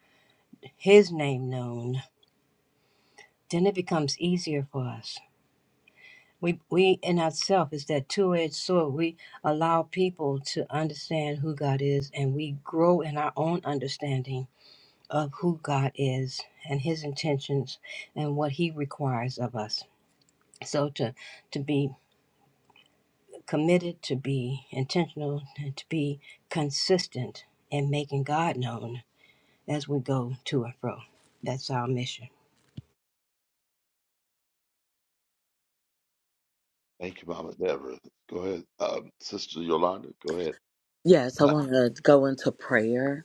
Speaker 8: his name known, then it becomes easier for us. We we in ourselves is that two edged sword. We allow people to understand who God is and we grow in our own understanding of who God is and his intentions and what he requires of us. So to to be committed, to be intentional, and to be consistent in making God known as we go to and fro. That's our mission.
Speaker 3: Thank you, Mama Deborah. Go ahead. Um, Sister Yolanda, go ahead.
Speaker 9: Yes, I
Speaker 3: Uh,
Speaker 9: want to go into prayer.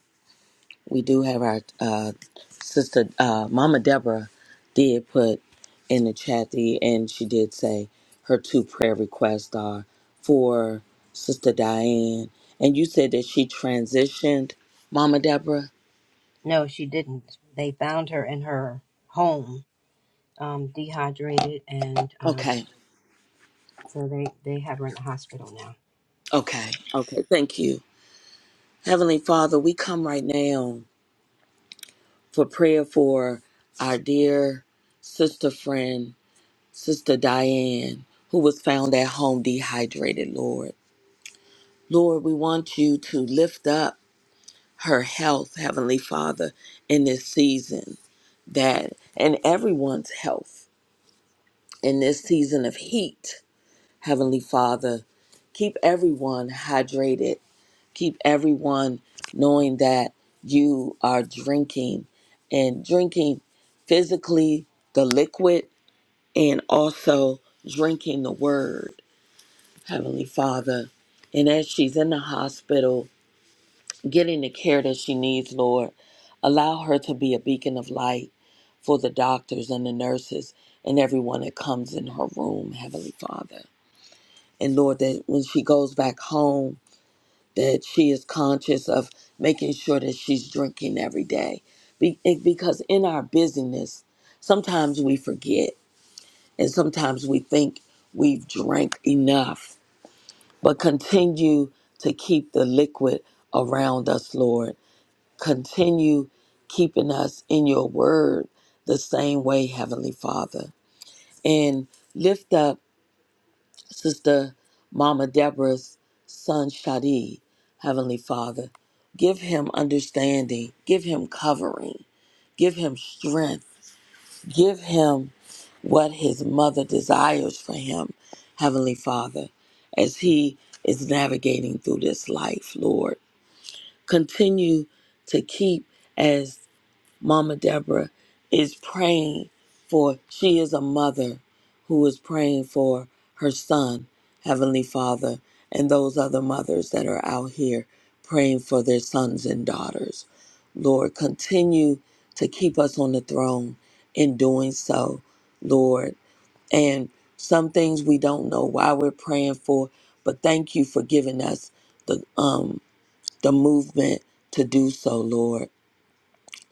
Speaker 9: We do have our uh, sister, uh, Mama Deborah, did put in the chat, the, and she did say her two prayer requests are for Sister Diane. And you said that she transitioned, Mama Deborah?
Speaker 8: No, she didn't. They found her in her home, um, dehydrated, and um,
Speaker 9: Okay,
Speaker 8: so they, they have her in the hospital now.
Speaker 9: okay, okay. Thank you. Heavenly Father, we come right now for prayer for our dear sister friend, Sister Diane, who was found at home dehydrated, Lord. Lord, we want you to lift up her health, Heavenly Father, in this season, that and everyone's health in this season of heat, Heavenly Father. Keep everyone hydrated. Keep everyone knowing that you are drinking and drinking physically the liquid and also drinking the word Heavenly Father. And as she's in the hospital getting the care that she needs, Lord, allow her to be a beacon of light for the doctors and the nurses and everyone that comes in her room, Heavenly Father. And Lord, that when she goes back home, that she is conscious of making sure that she's drinking every day. Be- it- because in our busyness, sometimes we forget and sometimes we think we've drank enough but continue to keep the liquid around us, Lord. Continue keeping us in your word the same way, Heavenly Father. And lift up Sister Mama Deborah's son, Shadi, Heavenly Father. Give him understanding, give him covering, give him strength, give him what his mother desires for him, Heavenly Father, as he is navigating through this life, Lord. continue to keep as Mama Deborah is praying for. She is a mother who is praying for her son, Heavenly Father, and those other mothers that are out here praying for their sons and daughters. Lord, continue to keep us on the throne in doing so, Lord. And some things we don't know why we're praying for, but thank you for giving us the um the movement to do so, Lord.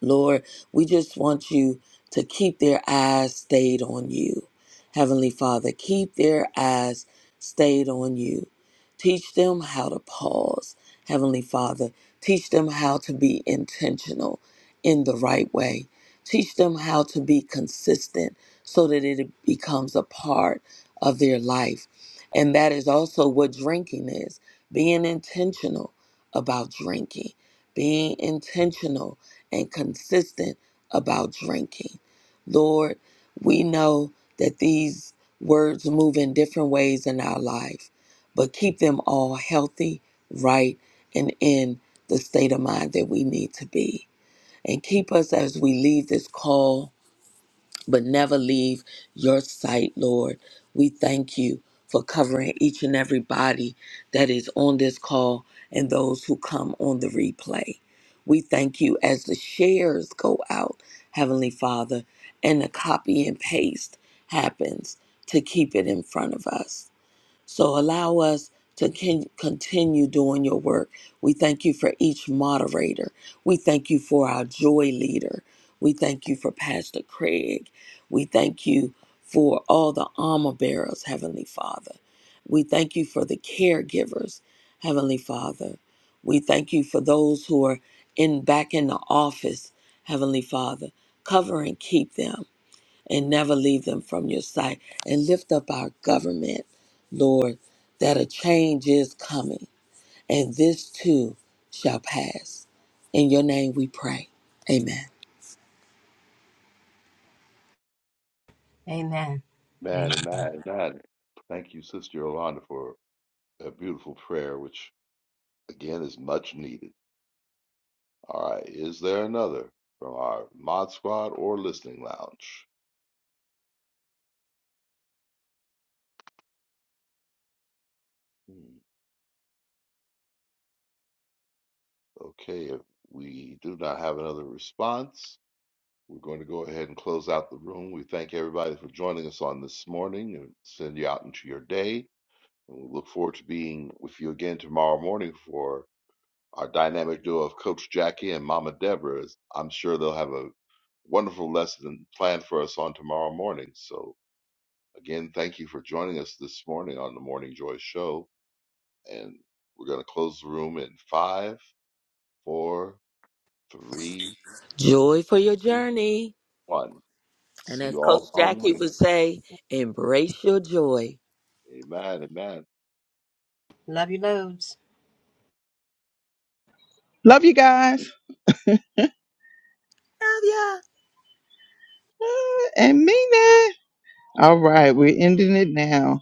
Speaker 9: Lord, we just want you to keep their eyes stayed on you. Heavenly Father, keep their eyes stayed on you. Teach them how to pause. Heavenly Father, teach them how to be intentional in the right way. Teach them how to be consistent so that it becomes a part of their life. And that is also what drinking is being intentional about drinking, being intentional and consistent about drinking. Lord, we know that these words move in different ways in our life, but keep them all healthy, right, and in the state of mind that we need to be. And keep us as we leave this call but never leave your sight, Lord. We thank you for covering each and every body that is on this call and those who come on the replay. We thank you as the shares go out, Heavenly Father, and the copy and paste happens to keep it in front of us. So allow us to con- continue doing your work. We thank you for each moderator. We thank you for our joy leader. We thank you for Pastor Craig. We thank you for all the armor bearers, Heavenly Father. We thank you for the caregivers, Heavenly Father. We thank you for those who are in back in the office, Heavenly Father. Cover and keep them and never leave them from your sight. And lift up our government, Lord, that a change is coming, and this too shall pass. In your name we pray. Amen.
Speaker 8: Amen. Amen.
Speaker 3: man and man and man. Thank you, Sister Yolanda, for a beautiful prayer, which again is much needed. All right. Is there another from our mod squad or listening lounge? Hmm. Okay. If we do not have another response, we're going to go ahead and close out the room. We thank everybody for joining us on this morning and send you out into your day. And we look forward to being with you again tomorrow morning for Our dynamic duo of Coach Jackie and Mama Deborah is, I'm sure they'll have a wonderful lesson planned for us on tomorrow morning. So, again, thank you for joining us this morning on the Morning Joy Show. And we're going to close the room in five, four, three,
Speaker 9: Joy for your journey.
Speaker 3: one.
Speaker 9: And
Speaker 3: See
Speaker 9: as
Speaker 3: you all
Speaker 9: Coach
Speaker 3: tomorrow
Speaker 9: Jackie
Speaker 3: morning.
Speaker 9: would say, embrace your joy.
Speaker 3: Amen. Amen.
Speaker 8: Love you loads.
Speaker 4: Love you guys.
Speaker 9: Love ya.
Speaker 4: Uh, And Mina. All right, we're ending it now.